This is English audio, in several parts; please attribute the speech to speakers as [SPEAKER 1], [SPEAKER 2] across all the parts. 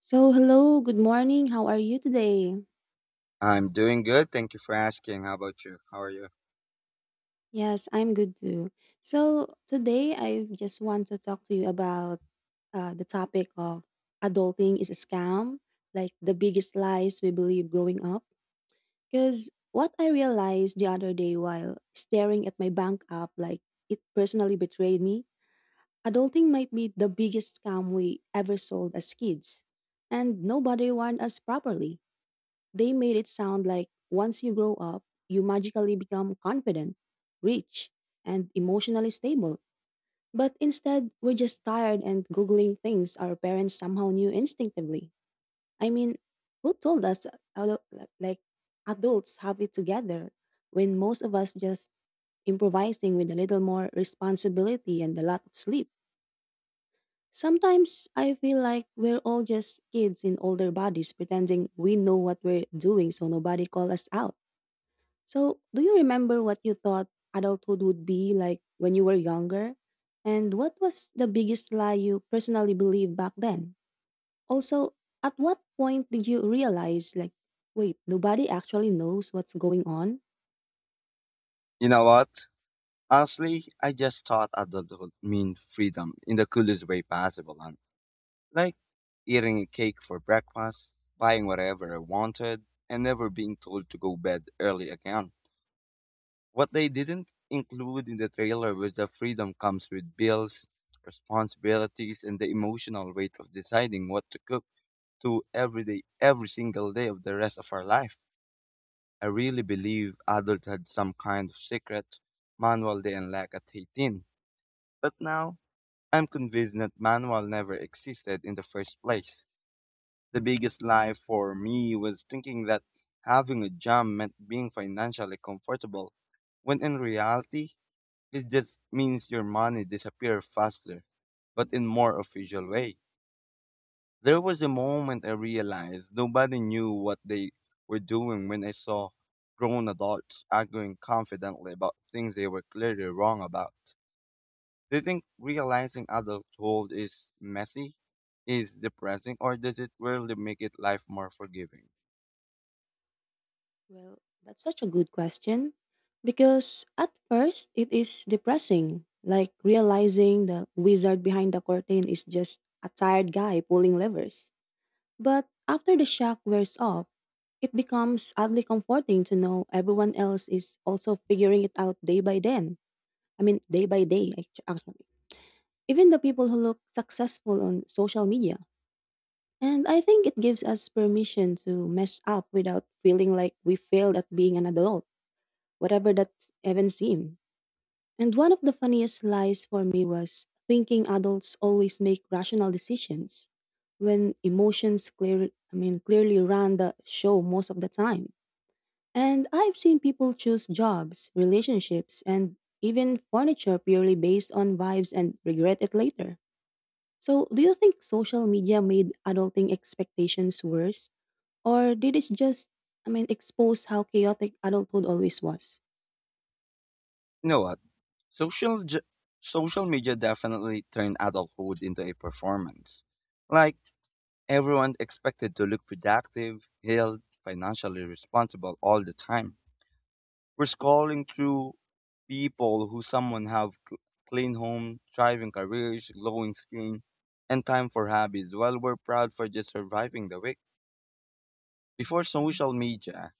[SPEAKER 1] So, hello, good morning. How are you today?
[SPEAKER 2] I'm doing good. Thank you for asking. How about you? How are you?
[SPEAKER 1] Yes, I'm good too. So, today I just want to talk to you about the topic of adulting is a scam, like the biggest lies we believe growing up. Because what I realized the other day while staring at my bank app, like it personally betrayed me, adulting might be the biggest scam we ever sold as kids. And nobody warned us properly. They made it sound like once you grow up, you magically become confident, rich, and emotionally stable. But instead, we're just tired and Googling things our parents somehow knew instinctively. I mean, who told us adu- like adults have it together when most of us just improvising with a little more responsibility and a lot of sleep? Sometimes I feel like we're all just kids in older bodies pretending we know what we're doing so nobody call us out. So, do you remember what you thought adulthood would be like when you were younger? And what was the biggest lie you personally believed back then? Also, at what point did you realize, like, wait, nobody actually knows what's going on?
[SPEAKER 2] You know what? Honestly, I just thought adulthood mean freedom in the coolest way possible. And like eating a cake for breakfast, buying whatever I wanted, and never being told to go bed early again. What they didn't include in the trailer was that freedom comes with bills, responsibilities, and the emotional weight of deciding what to cook to every day, every single day of the rest of our life. I really believe adults had some kind of secret manual they unlocked at 18. But now, I'm convinced that manual never existed in the first place. The biggest lie for me was thinking that having a job meant being financially comfortable, when in reality, it just means your money disappears faster, but in more official way. There was a moment I realized nobody knew what they were doing when I saw grown adults arguing confidently about things they were clearly wrong about. Do you think realizing adulthood is messy, is depressing, or does it really make it life more forgiving?
[SPEAKER 1] Well, that's such a good question. Because at first, it is depressing, like realizing the wizard behind the curtain is just a tired guy pulling levers. But after the shock wears off, it becomes oddly comforting to know everyone else is also figuring it out day by then. I mean, day by day, actually. Even the people who look successful on social media. And I think it gives us permission to mess up without feeling like we failed at being an adult, whatever that's even seemed. And one of the funniest lies for me was thinking adults always make rational decisions when emotions clearly run the show most of the time. And I've seen people choose jobs, relationships, and even furniture purely based on vibes and regret it later. So, do you think social media made adulting expectations worse or did it just expose how chaotic adulthood always was?
[SPEAKER 2] You know what? Social ju- Social media definitely turned adulthood into a performance. Like Everyone expected to look productive, healed, financially responsible all the time. We're scrolling through people who someone clean home, thriving careers, glowing skin, and time for hobbies while we're proud for just surviving the week. Before social media,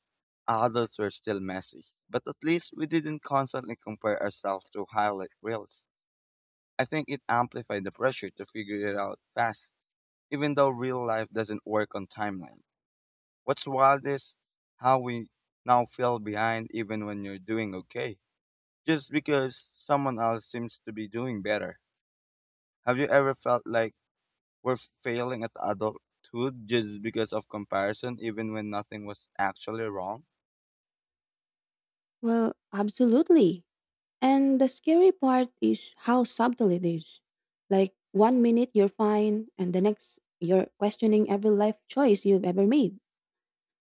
[SPEAKER 2] adults were still messy, but at least we didn't constantly compare ourselves to highlight reels. I think it amplified the pressure to figure it out fast, even though real life doesn't work on timeline. What's wild is how we now feel behind even when you're doing okay, just because someone else seems to be doing better. Have you ever felt like we're failing at adulthood just because of comparison, even when nothing was actually wrong?
[SPEAKER 1] Well, absolutely. And the scary part is how subtle it is. Like one minute you're fine, and the next you're questioning every life choice you've ever made.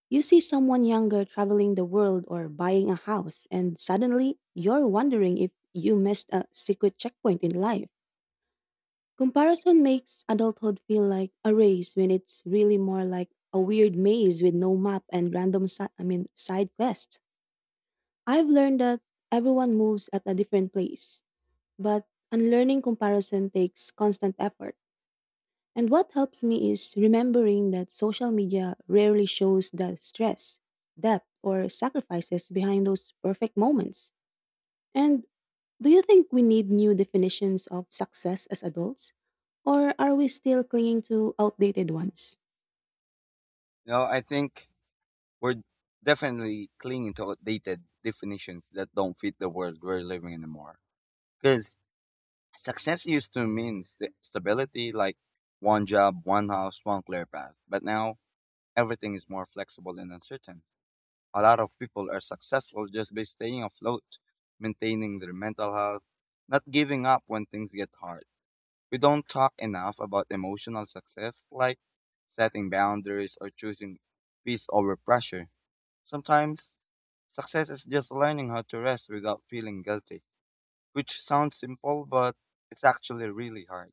[SPEAKER 1] You see someone younger traveling the world or buying a house, and suddenly you're wondering if you missed a secret checkpoint in life. Comparison makes adulthood feel like a race when it's really more like a weird maze with no map and random side quests. I've learned that everyone moves at a different place but unlearning comparison takes constant effort. And what helps me is remembering that social media rarely shows the stress, depth, or sacrifices behind those perfect moments. And do you think we need new definitions of success as adults? Or are we still clinging to outdated ones?
[SPEAKER 2] No, I think we're definitely clinging to outdated definitions that don't fit the world we're living in anymore. Because success used to mean stability, like one job, one house, one clear path. But now everything is more flexible and uncertain. A lot of people are successful just by staying afloat, maintaining their mental health, not giving up when things get hard. We don't talk enough about emotional success like setting boundaries or choosing peace over pressure. Sometimes success is just learning how to rest without feeling guilty, which sounds simple, but it's actually really hard.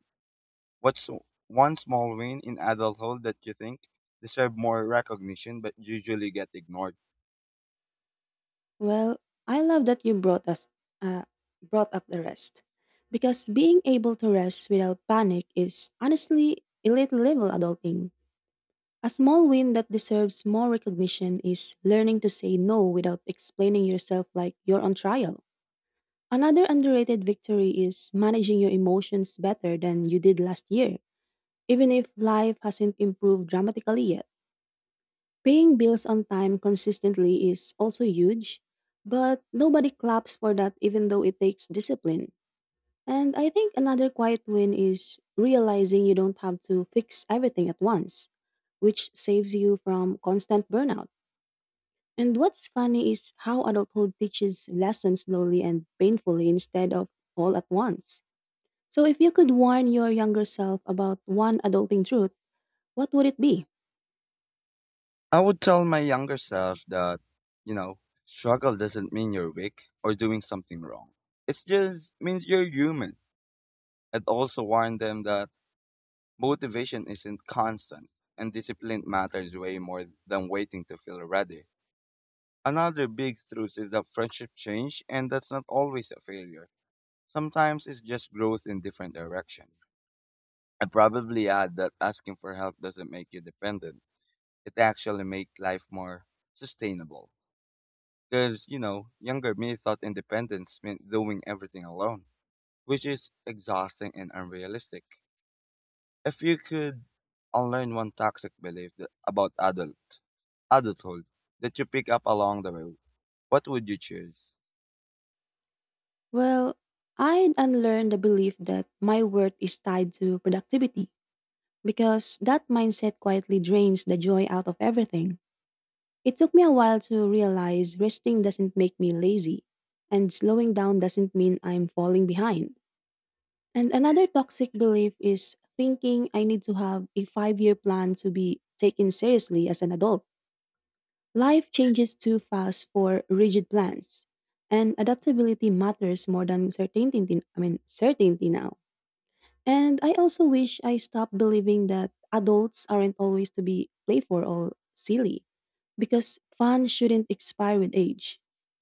[SPEAKER 2] What's one small win in adulthood that you think deserve more recognition but usually get ignored?
[SPEAKER 1] Well, I love that you brought us uh, brought up the rest. Because being able to rest without panic is honestly a little level adulting. A small win that deserves more recognition is learning to say no without explaining yourself like you're on trial. Another underrated victory is managing your emotions better than you did last year, even if life hasn't improved dramatically yet. Paying bills on time consistently is also huge, but nobody claps for that even though it takes discipline. And I think another quiet win is realizing you don't have to fix everything at once, which saves you from constant burnout. And what's funny is how adulthood teaches lessons slowly and painfully instead of all at once. So, if you could warn your younger self about one adulting truth, what would it be?
[SPEAKER 2] I would tell my younger self that, you know, struggle doesn't mean you're weak or doing something wrong. It just means you're human. I'd also warn them that motivation isn't constant and discipline matters way more than waiting to feel ready. Another big truth is that friendship change and that's not always a failure. Sometimes it's just growth in different direction. I probably add that asking for help doesn't make you dependent. It actually makes life more sustainable. Because, you know, younger me thought independence meant doing everything alone, which is exhausting and unrealistic. If you could unlearn one toxic belief about adulthood that you pick up along the road, what would you choose?
[SPEAKER 1] Well, I'd unlearn the belief that my worth is tied to productivity because that mindset quietly drains the joy out of everything. It took me a while to realize resting doesn't make me lazy, and slowing down doesn't mean I'm falling behind. And another toxic belief is thinking I need to have a 5 year plan to be taken seriously as an adult. Life changes too fast for rigid plans. And adaptability matters more than certainty now. And I also wish I stopped believing that adults aren't always to be playful or silly because fun shouldn't expire with age.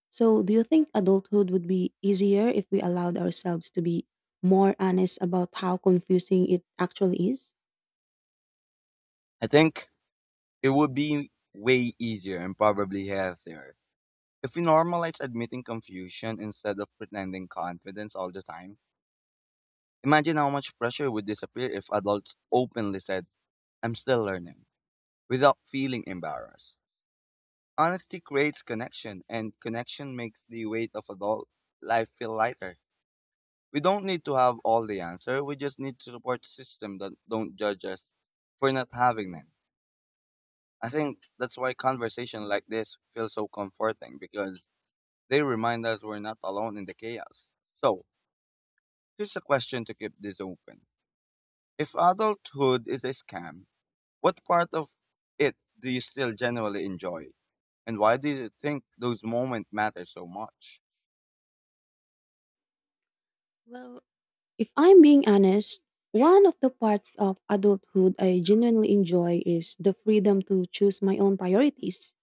[SPEAKER 1] So, do you think adulthood would be easier if we allowed ourselves to be more honest about how confusing it actually is?
[SPEAKER 2] I think it would be way easier and probably healthier if we normalize admitting confusion instead of pretending confidence all the time. Imagine how much pressure would disappear if adults openly said, I'm still learning, without feeling embarrassed. Honesty creates connection, and connection makes the weight of adult life feel lighter. We don't need to have all the answer. We just need to support system that don't judge us for not having them. I think that's why conversation like this feels so comforting because they remind us we're not alone in the chaos. So, here's a question to keep this open. If adulthood is a scam, what part of it do you still genuinely enjoy? And why do you think those moments matter so much?
[SPEAKER 1] Well, if I'm being honest, one of the parts of adulthood I genuinely enjoy is the freedom to choose my own priorities,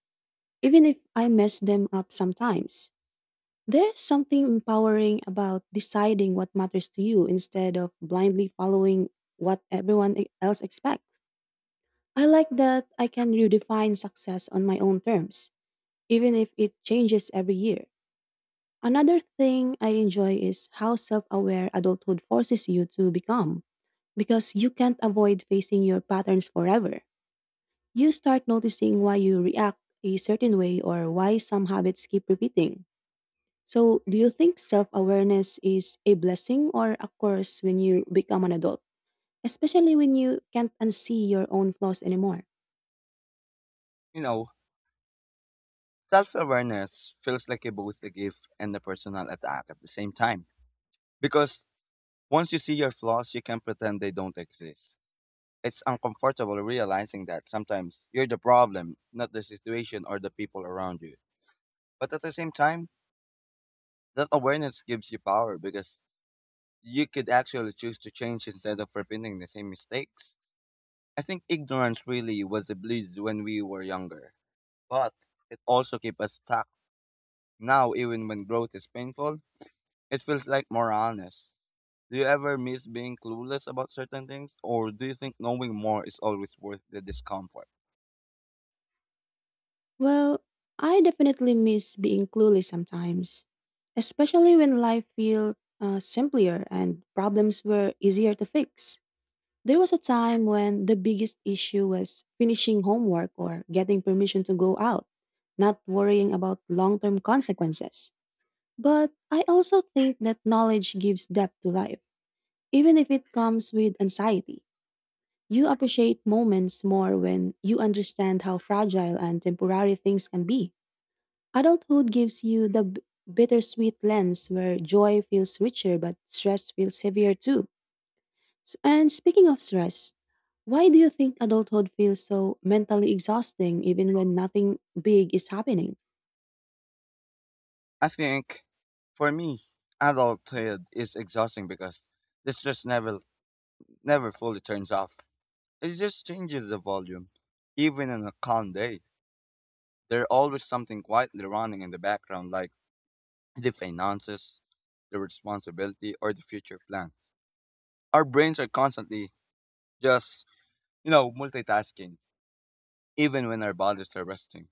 [SPEAKER 1] even if I mess them up sometimes. There's something empowering about deciding what matters to you instead of blindly following what else expects. I like that I can redefine success on my own terms, even if it changes every year. Another thing I enjoy is how self aware adulthood forces you to become, because you can't avoid facing your patterns forever. You start noticing why you react a certain way or why some habits keep repeating. So, do you think self awareness is a blessing or a curse when you become an adult, especially when you can't unsee your own flaws anymore?
[SPEAKER 2] You know, self awareness feels like a both a gift and a personal attack at the same time. Because once you see your flaws, you can pretend they don't exist. It's uncomfortable realizing that sometimes you're the problem, not the situation or the people around you. But at the same time, that awareness gives you power because you could actually choose to change instead of repeating the same mistakes. I think ignorance really was a bliss when we were younger, but it also kept us stuck. Now, even when growth is painful, it feels like more honest. Do you ever miss being clueless about certain things, or do you think knowing more is always worth the discomfort?
[SPEAKER 1] Well, I definitely miss being clueless sometimes, especially when life felt simpler and problems were easier to fix. There was a time when the biggest issue was finishing homework or getting permission to go out, not worrying about long term consequences. But I also think that knowledge gives depth to life, even if it comes with anxiety. You appreciate moments more when you understand how fragile and temporary things can be. Adulthood gives you the bittersweet lens where joy feels richer but stress feels heavier too. And speaking of stress, why do you think adulthood feels so mentally exhausting even when nothing big is happening?
[SPEAKER 2] I think, for me, adulthood is exhausting because the stress never fully turns off. It just changes the volume. Even on a calm day, there's always something quietly running in the background, like the finances, the responsibility, or the future plans. Our brains are constantly just, you know, multitasking, even when our bodies are resting.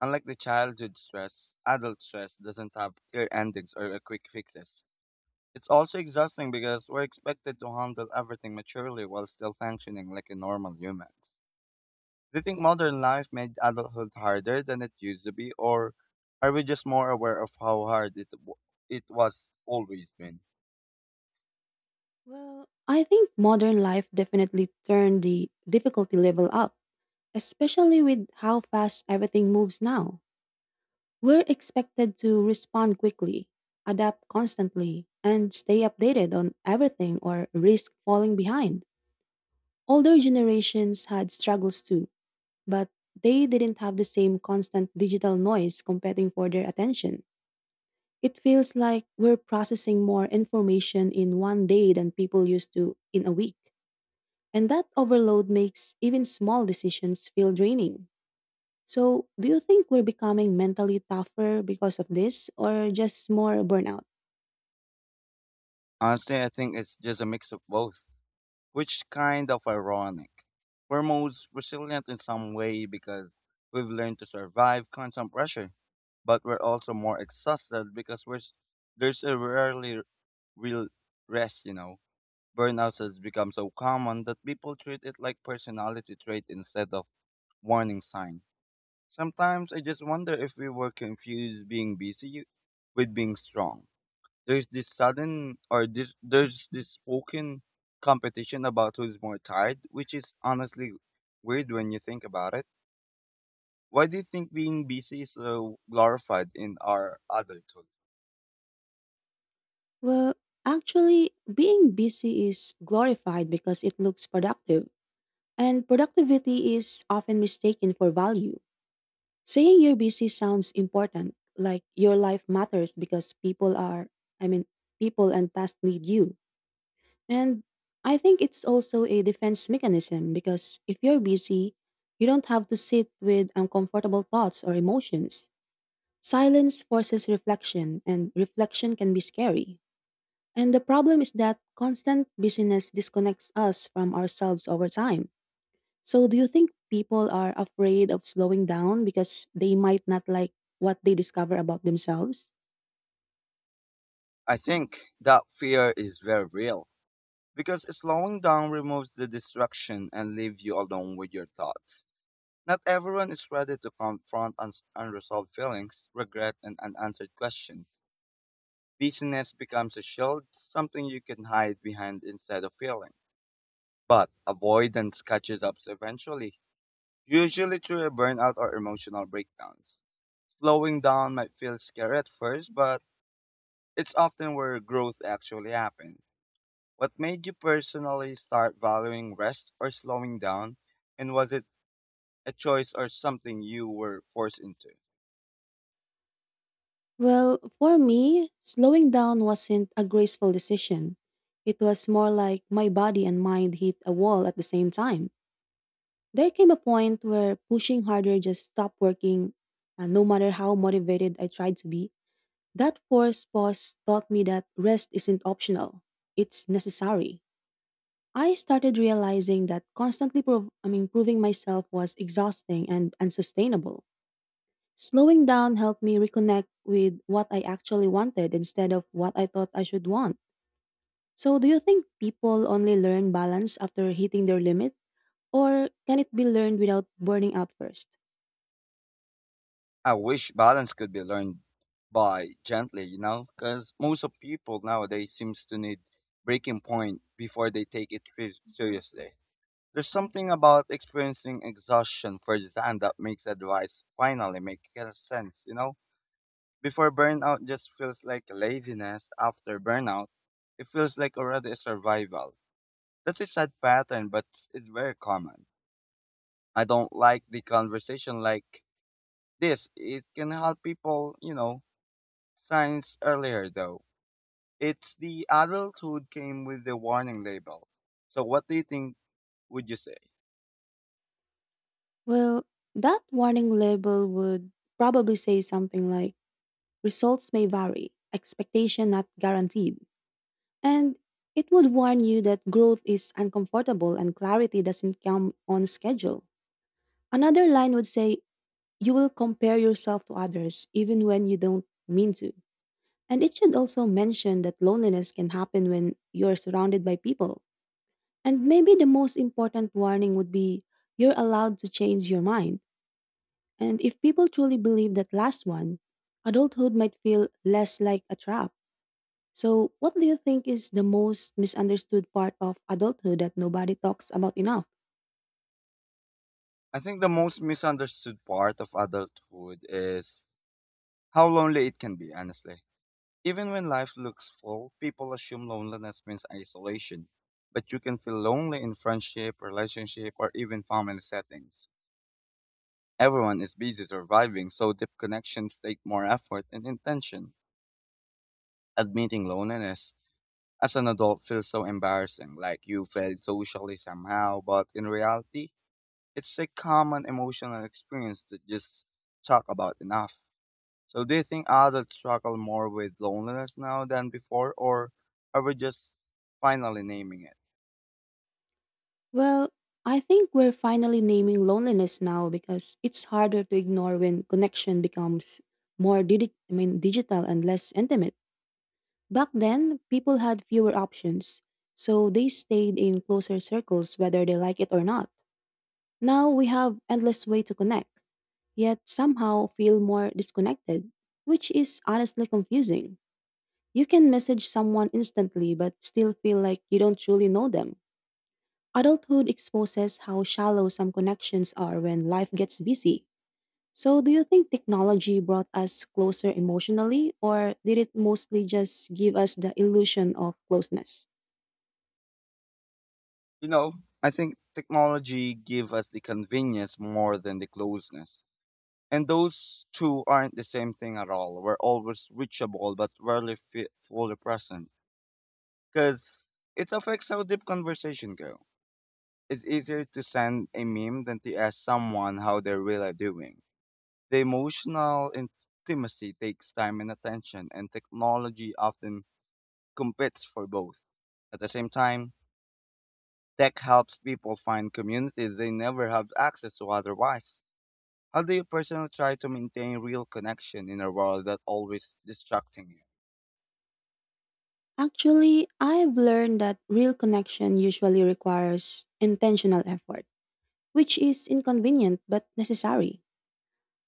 [SPEAKER 2] Unlike the childhood stress, adult stress doesn't have clear endings or a quick fixes. It's also exhausting because we're expected to handle everything maturely while still functioning like a normal humans. Do you think modern life made adulthood harder than it used to be, or are we just more aware of how hard it was always been?
[SPEAKER 1] Well, I think modern life definitely turned the difficulty level up, especially with how fast everything moves now. We're expected to respond quickly, adapt constantly, and stay updated on everything or risk falling behind. Older generations had struggles too, but they didn't have the same constant digital noise competing for their attention. It feels like we're processing more information in one day than people used to in a week. And that overload makes even small decisions feel draining. So, do you think we're becoming mentally tougher because of this or just more burnout?
[SPEAKER 2] Honestly, I think it's just a mix of both, which kind of ironic. We're most resilient in some way because we've learned to survive constant pressure, but we're also more exhausted because there's a rarely real rest. You know, burnout has become so common that people treat it like personality trait instead of warning sign. Sometimes I just wonder if we were confused being busy with being strong. There's this sudden or this there's this spoken competition about who's more tired, which is honestly weird when you think about it. Why do you think being busy is so glorified in our adulthood?
[SPEAKER 1] Well, actually, being busy is glorified because it looks productive. And productivity is often mistaken for value. Saying you're busy sounds important, like your life matters because people are, I mean, people and tasks need you. And I think it's also a defense mechanism because if you're busy, you don't have to sit with uncomfortable thoughts or emotions. Silence forces reflection, and reflection can be scary. And the problem is that constant busyness disconnects us from ourselves over time. So, do you think people are afraid of slowing down because they might not like what they discover about themselves?
[SPEAKER 2] I think that fear is very real because slowing down removes the distraction and leaves you alone with your thoughts. Not everyone is ready to confront unresolved feelings, regret, and unanswered questions. Busyness becomes a shield, something you can hide behind instead of feeling. But avoidance catches up eventually, usually through a burnout or emotional breakdowns. Slowing down might feel scary at first, but it's often where growth actually happens. What made you personally start valuing rest or slowing down, and was it a choice or something you were forced into?
[SPEAKER 1] Well, for me, slowing down wasn't a graceful decision. It was more like my body and mind hit a wall at the same time. There came a point where pushing harder just stopped working, and no matter how motivated I tried to be. That forced pause taught me that rest isn't optional, it's necessary. I started realizing that constantly proving myself was exhausting and unsustainable. Slowing down helped me reconnect with what I actually wanted instead of what I thought I should want. So, do you think people only learn balance after hitting their limit, or can it be learned without burning out first?
[SPEAKER 2] I wish balance could be learned by gently, you know, because most of people nowadays seems to need breaking point before they take seriously. There's something about experiencing exhaustion firsthand that makes advice finally make a sense, you know. Before burnout just feels like laziness. After burnout, it feels like already a survival. That's a sad pattern, but it's very common. I don't like the conversation like this. It can help people, you know, signs earlier though. It's the adulthood came with the warning label. So what do you think would you say?
[SPEAKER 1] Well, that warning label would probably say something like results may vary, expectation not guaranteed. And it would warn you that growth is uncomfortable and clarity doesn't come on schedule. Another line would say, you will compare yourself to others even when you don't mean to. And it should also mention that loneliness can happen when you're surrounded by people. And maybe the most important warning would be, you're allowed to change your mind. And if people truly believe that last one, adulthood might feel less like a trap. So, what do you think is the most misunderstood part of adulthood that nobody talks about enough?
[SPEAKER 2] I think the most misunderstood part of adulthood is how lonely it can be, honestly. Even when life looks full, people assume loneliness means isolation. But you can feel lonely in friendship, relationship, or even family settings. Everyone is busy surviving, so deep connections take more effort and intention. Admitting loneliness as an adult feels so embarrassing, like you failed socially somehow, but in reality, it's a common emotional experience that just talk about enough. So do you think adults struggle more with loneliness now than before, or are we just finally naming it?
[SPEAKER 1] Well, I think we're finally naming loneliness now because it's harder to ignore when connection becomes more digital and less intimate. Back then, people had fewer options, so they stayed in closer circles whether they like it or not. Now we have endless way to connect, yet somehow feel more disconnected, which is honestly confusing. You can message someone instantly but still feel like you don't truly know them. Adulthood exposes how shallow some connections are when life gets busy. So, do you think technology brought us closer emotionally, or did it mostly just give us the illusion of closeness?
[SPEAKER 2] You know, I think technology give us the convenience more than the closeness. And those two aren't the same thing at all. We're always reachable, but rarely fe fully present, because it affects how deep conversation go. It's easier to send a meme than to ask someone how they're really doing. The emotional intimacy takes time and attention, and technology often competes for both. At the same time, tech helps people find communities they never have access to otherwise. How do you personally try to maintain real connection in a world that always distracting you?
[SPEAKER 1] Actually, I've learned that real connection usually requires intentional effort, which is inconvenient but necessary.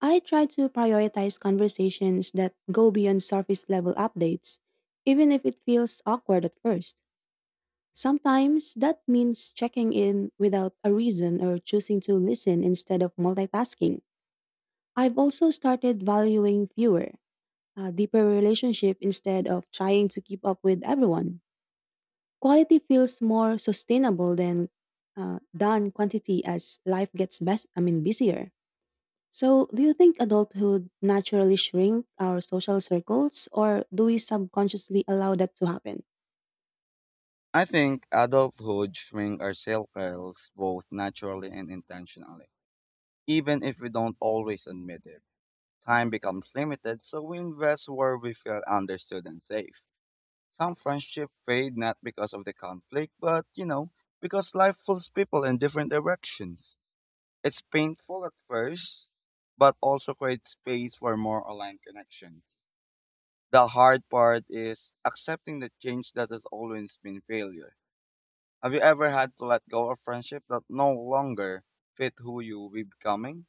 [SPEAKER 1] I try to prioritize conversations that go beyond surface level updates, even if it feels awkward at first. Sometimes that means checking in without a reason or choosing to listen instead of multitasking. I've also started valuing fewer, a deeper relationship instead of trying to keep up with everyone. Quality feels more sustainable than than quantity as life gets best. I mean busier. So, do you think adulthood naturally shrink our social circles or do we subconsciously allow that to happen?
[SPEAKER 2] I think adulthood shrink our circles both naturally and intentionally. Even if we don't always admit it, time becomes limited, so we invest where we feel understood and safe. Some friendships fade not because of the conflict, but you know, because life pulls people in different directions. It's painful at first, but also creates space for more aligned connections. The hard part is accepting the change that has always been failure. Have you ever had to let go of friendship that no longer fit who you will be becoming?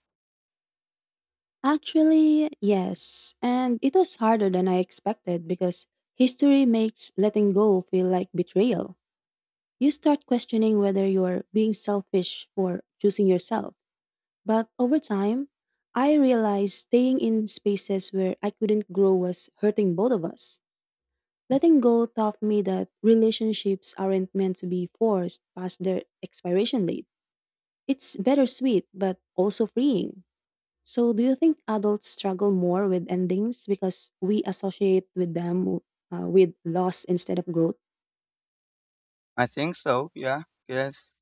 [SPEAKER 1] Actually, yes. And it was harder than I expected because history makes letting go feel like betrayal. You start questioning whether you're being selfish for choosing yourself. But over time, I realized staying in spaces where I couldn't grow was hurting both of us. Letting go taught me that relationships aren't meant to be forced past their expiration date. It's bittersweet, but also freeing. So, do you think adults struggle more with endings because we associate with them with loss instead of growth?
[SPEAKER 2] I think so, yeah. Because,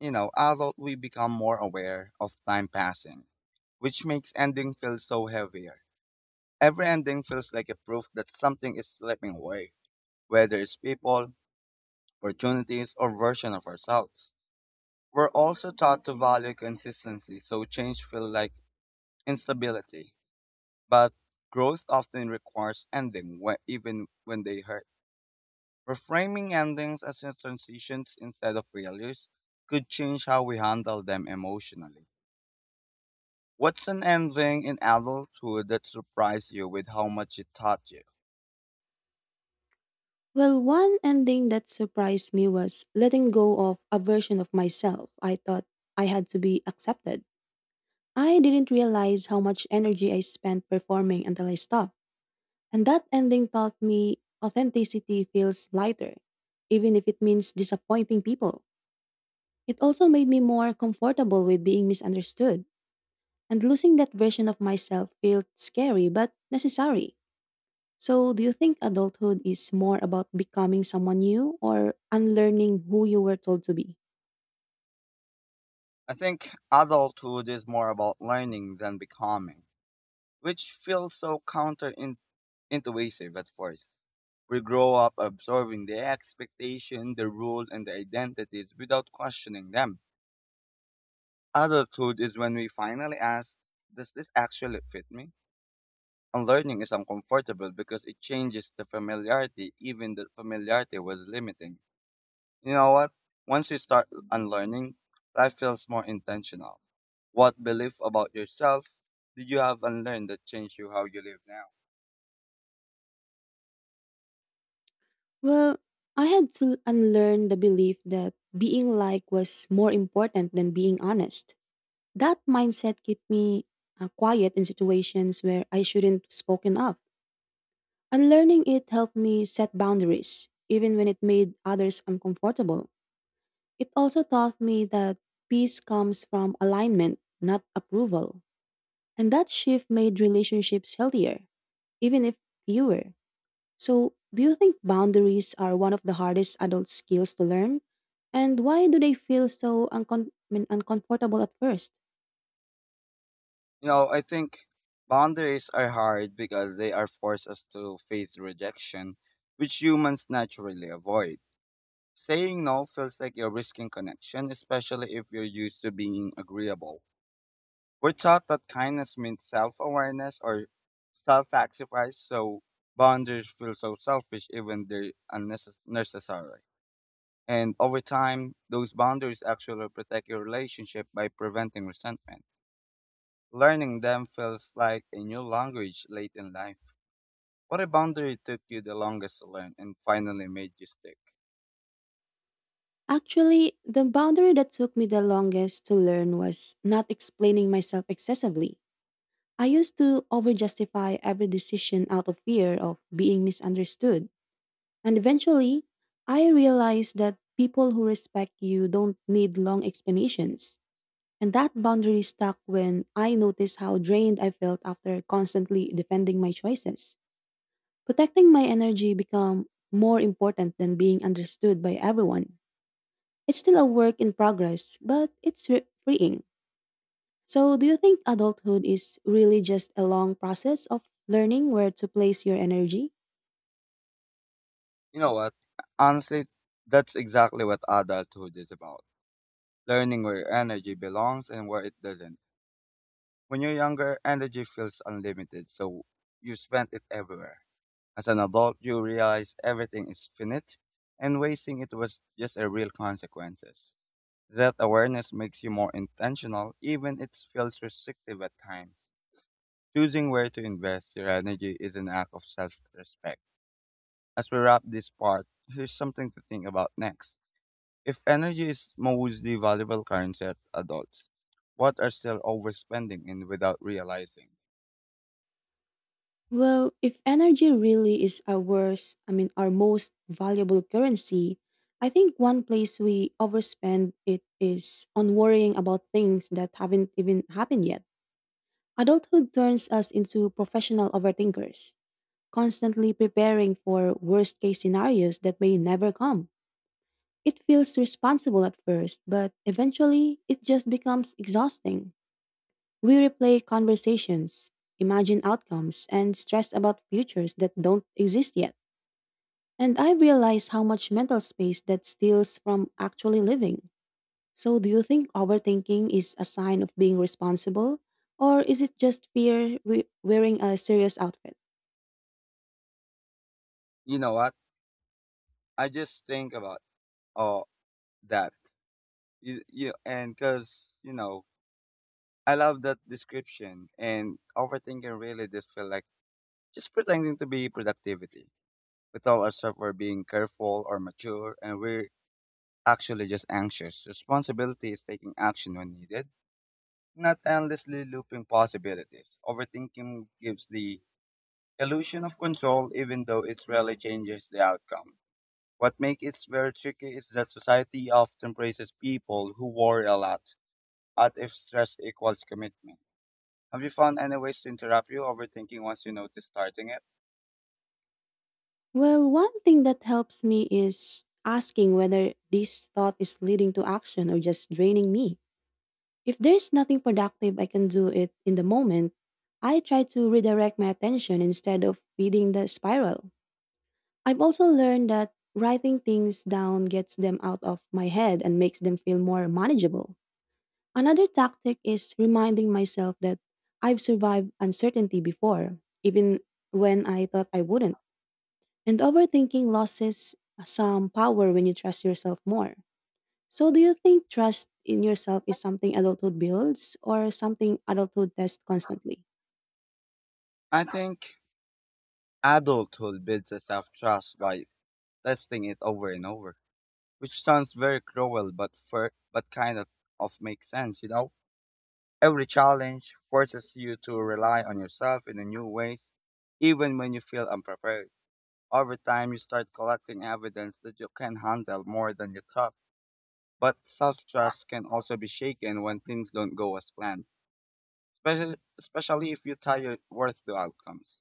[SPEAKER 2] you know, adult we become more aware of time passing, which makes ending feel so heavier. Every ending feels like a proof that something is slipping away, whether it's people, opportunities, or version of ourselves. We're also taught to value consistency, so change feels like instability. But growth often requires ending, even when they hurt. Reframing endings as transitions instead of failures could change how we handle them emotionally. What's an ending in adulthood that surprised you with how much it taught you?
[SPEAKER 1] Well, one ending that surprised me was letting go of a version of myself I thought I had to be accepted. I didn't realize how much energy I spent performing until I stopped. And that ending taught me authenticity feels lighter, even if it means disappointing people. It also made me more comfortable with being misunderstood, and losing that version of myself felt scary but necessary. So, do you think adulthood is more about becoming someone new or unlearning who you were told to be?
[SPEAKER 2] I think adulthood is more about learning than becoming, which feels so counterintuitive at first. We grow up absorbing the expectation, the rule, and the identities without questioning them. Adulthood is when we finally ask, does this actually fit me? Unlearning is uncomfortable because it changes the familiarity, even the familiarity was limiting. You know what? Once you start unlearning, life feels more intentional. What belief about yourself did you have unlearned that changed you how you live now?
[SPEAKER 1] Well, I had to unlearn the belief that being like was more important than being honest. That mindset kept me quiet in situations where I shouldn't have spoken up. Unlearning it helped me set boundaries, even when it made others uncomfortable. It also taught me that peace comes from alignment, not approval. And that shift made relationships healthier, even if fewer. So, do you think boundaries are one of the hardest adult skills to learn? And why do they feel so uncomfortable at first?
[SPEAKER 2] You know, I think boundaries are hard because they are force us to face rejection, which humans naturally avoid. Saying no feels like you're risking connection, especially if you're used to being agreeable. We're taught that kindness means self awareness or self sacrifice, so boundaries feel so selfish even they're unnecessary. And over time, those boundaries actually protect your relationship by preventing resentment. Learning them feels like a new language late in life. What a boundary took you the longest to learn and finally made you stick.
[SPEAKER 1] Actually, the boundary that took me the longest to learn was not explaining myself excessively. I used to overjustify every decision out of fear of being misunderstood. And eventually, I realized that people who respect you don't need long explanations. And that boundary stuck when I noticed how drained I felt after constantly defending my choices. Protecting my energy became more important than being understood by everyone. It's still a work in progress, but it's freeing. So, do you think adulthood is really just a long process of learning where to place your energy?
[SPEAKER 2] You know what? Honestly, that's exactly what adulthood is about learning where your energy belongs and where it doesn't. When you're younger, energy feels unlimited, so you spend it everywhere. As an adult, you realize everything is finite, and wasting it was just a real consequences. That awareness makes you more intentional, even it feels restrictive at times. Choosing where to invest your energy is an act of self-respect. As we wrap this part, here's something to think about next. If energy is mostly valuable currency at adults, what are still overspending in without realizing?
[SPEAKER 1] Well, if energy really is our our most valuable currency, I think one place we overspend it is on worrying about things that haven't even happened yet. Adulthood turns us into professional overthinkers, constantly preparing for worst case scenarios that may never come. It feels responsible at first, but eventually it just becomes exhausting. We replay conversations, imagine outcomes, and stress about futures that don't exist yet. And I realize how much mental space that steals from actually living. So, do you think overthinking is a sign of being responsible? Or is it just fear wearing a serious outfit?
[SPEAKER 2] You know what? I just think about all that. And because, you know, I love that description and overthinking really just feel like just pretending to be productivity. We tell ourselves we're being careful or mature and we're actually just anxious. Responsibility is taking action when needed, not endlessly looping possibilities. Overthinking gives the illusion of control even though it rarely changes the outcome. What makes it very tricky is that society often praises people who worry a lot, as if stress equals commitment. Have you found any ways to interrupt your overthinking once you notice starting it?
[SPEAKER 1] Well, one thing that helps me is asking whether this thought is leading to action or just draining me. If there's nothing productive I can do it in the moment, I try to redirect my attention instead of feeding the spiral. I've also learned that writing things down gets them out of my head and makes them feel more manageable. Another tactic is reminding myself that I've survived uncertainty before, even when I thought I wouldn't. And overthinking loses some power when you trust yourself more. So, do you think trust in yourself is something adulthood builds or something adulthood tests constantly?
[SPEAKER 2] I think adulthood builds a self-trust by testing it over and over, which sounds very cruel, but fair, but kind of makes sense, you know? Every challenge forces you to rely on yourself in a new ways, even when you feel unprepared. Over time, you start collecting evidence that you can handle more than you thought. But self trust can also be shaken when things don't go as planned, especially if you tie your worth to outcomes.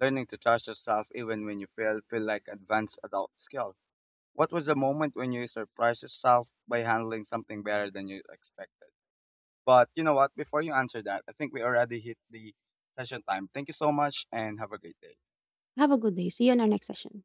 [SPEAKER 2] Learning to trust yourself even when you fail feel like advanced adult skill. What was the moment when you surprised yourself by handling something better than you expected? But you know what? Before you answer that, I think we already hit the session time. Thank you so much and have a great day.
[SPEAKER 1] Have a good day. See you in our next session.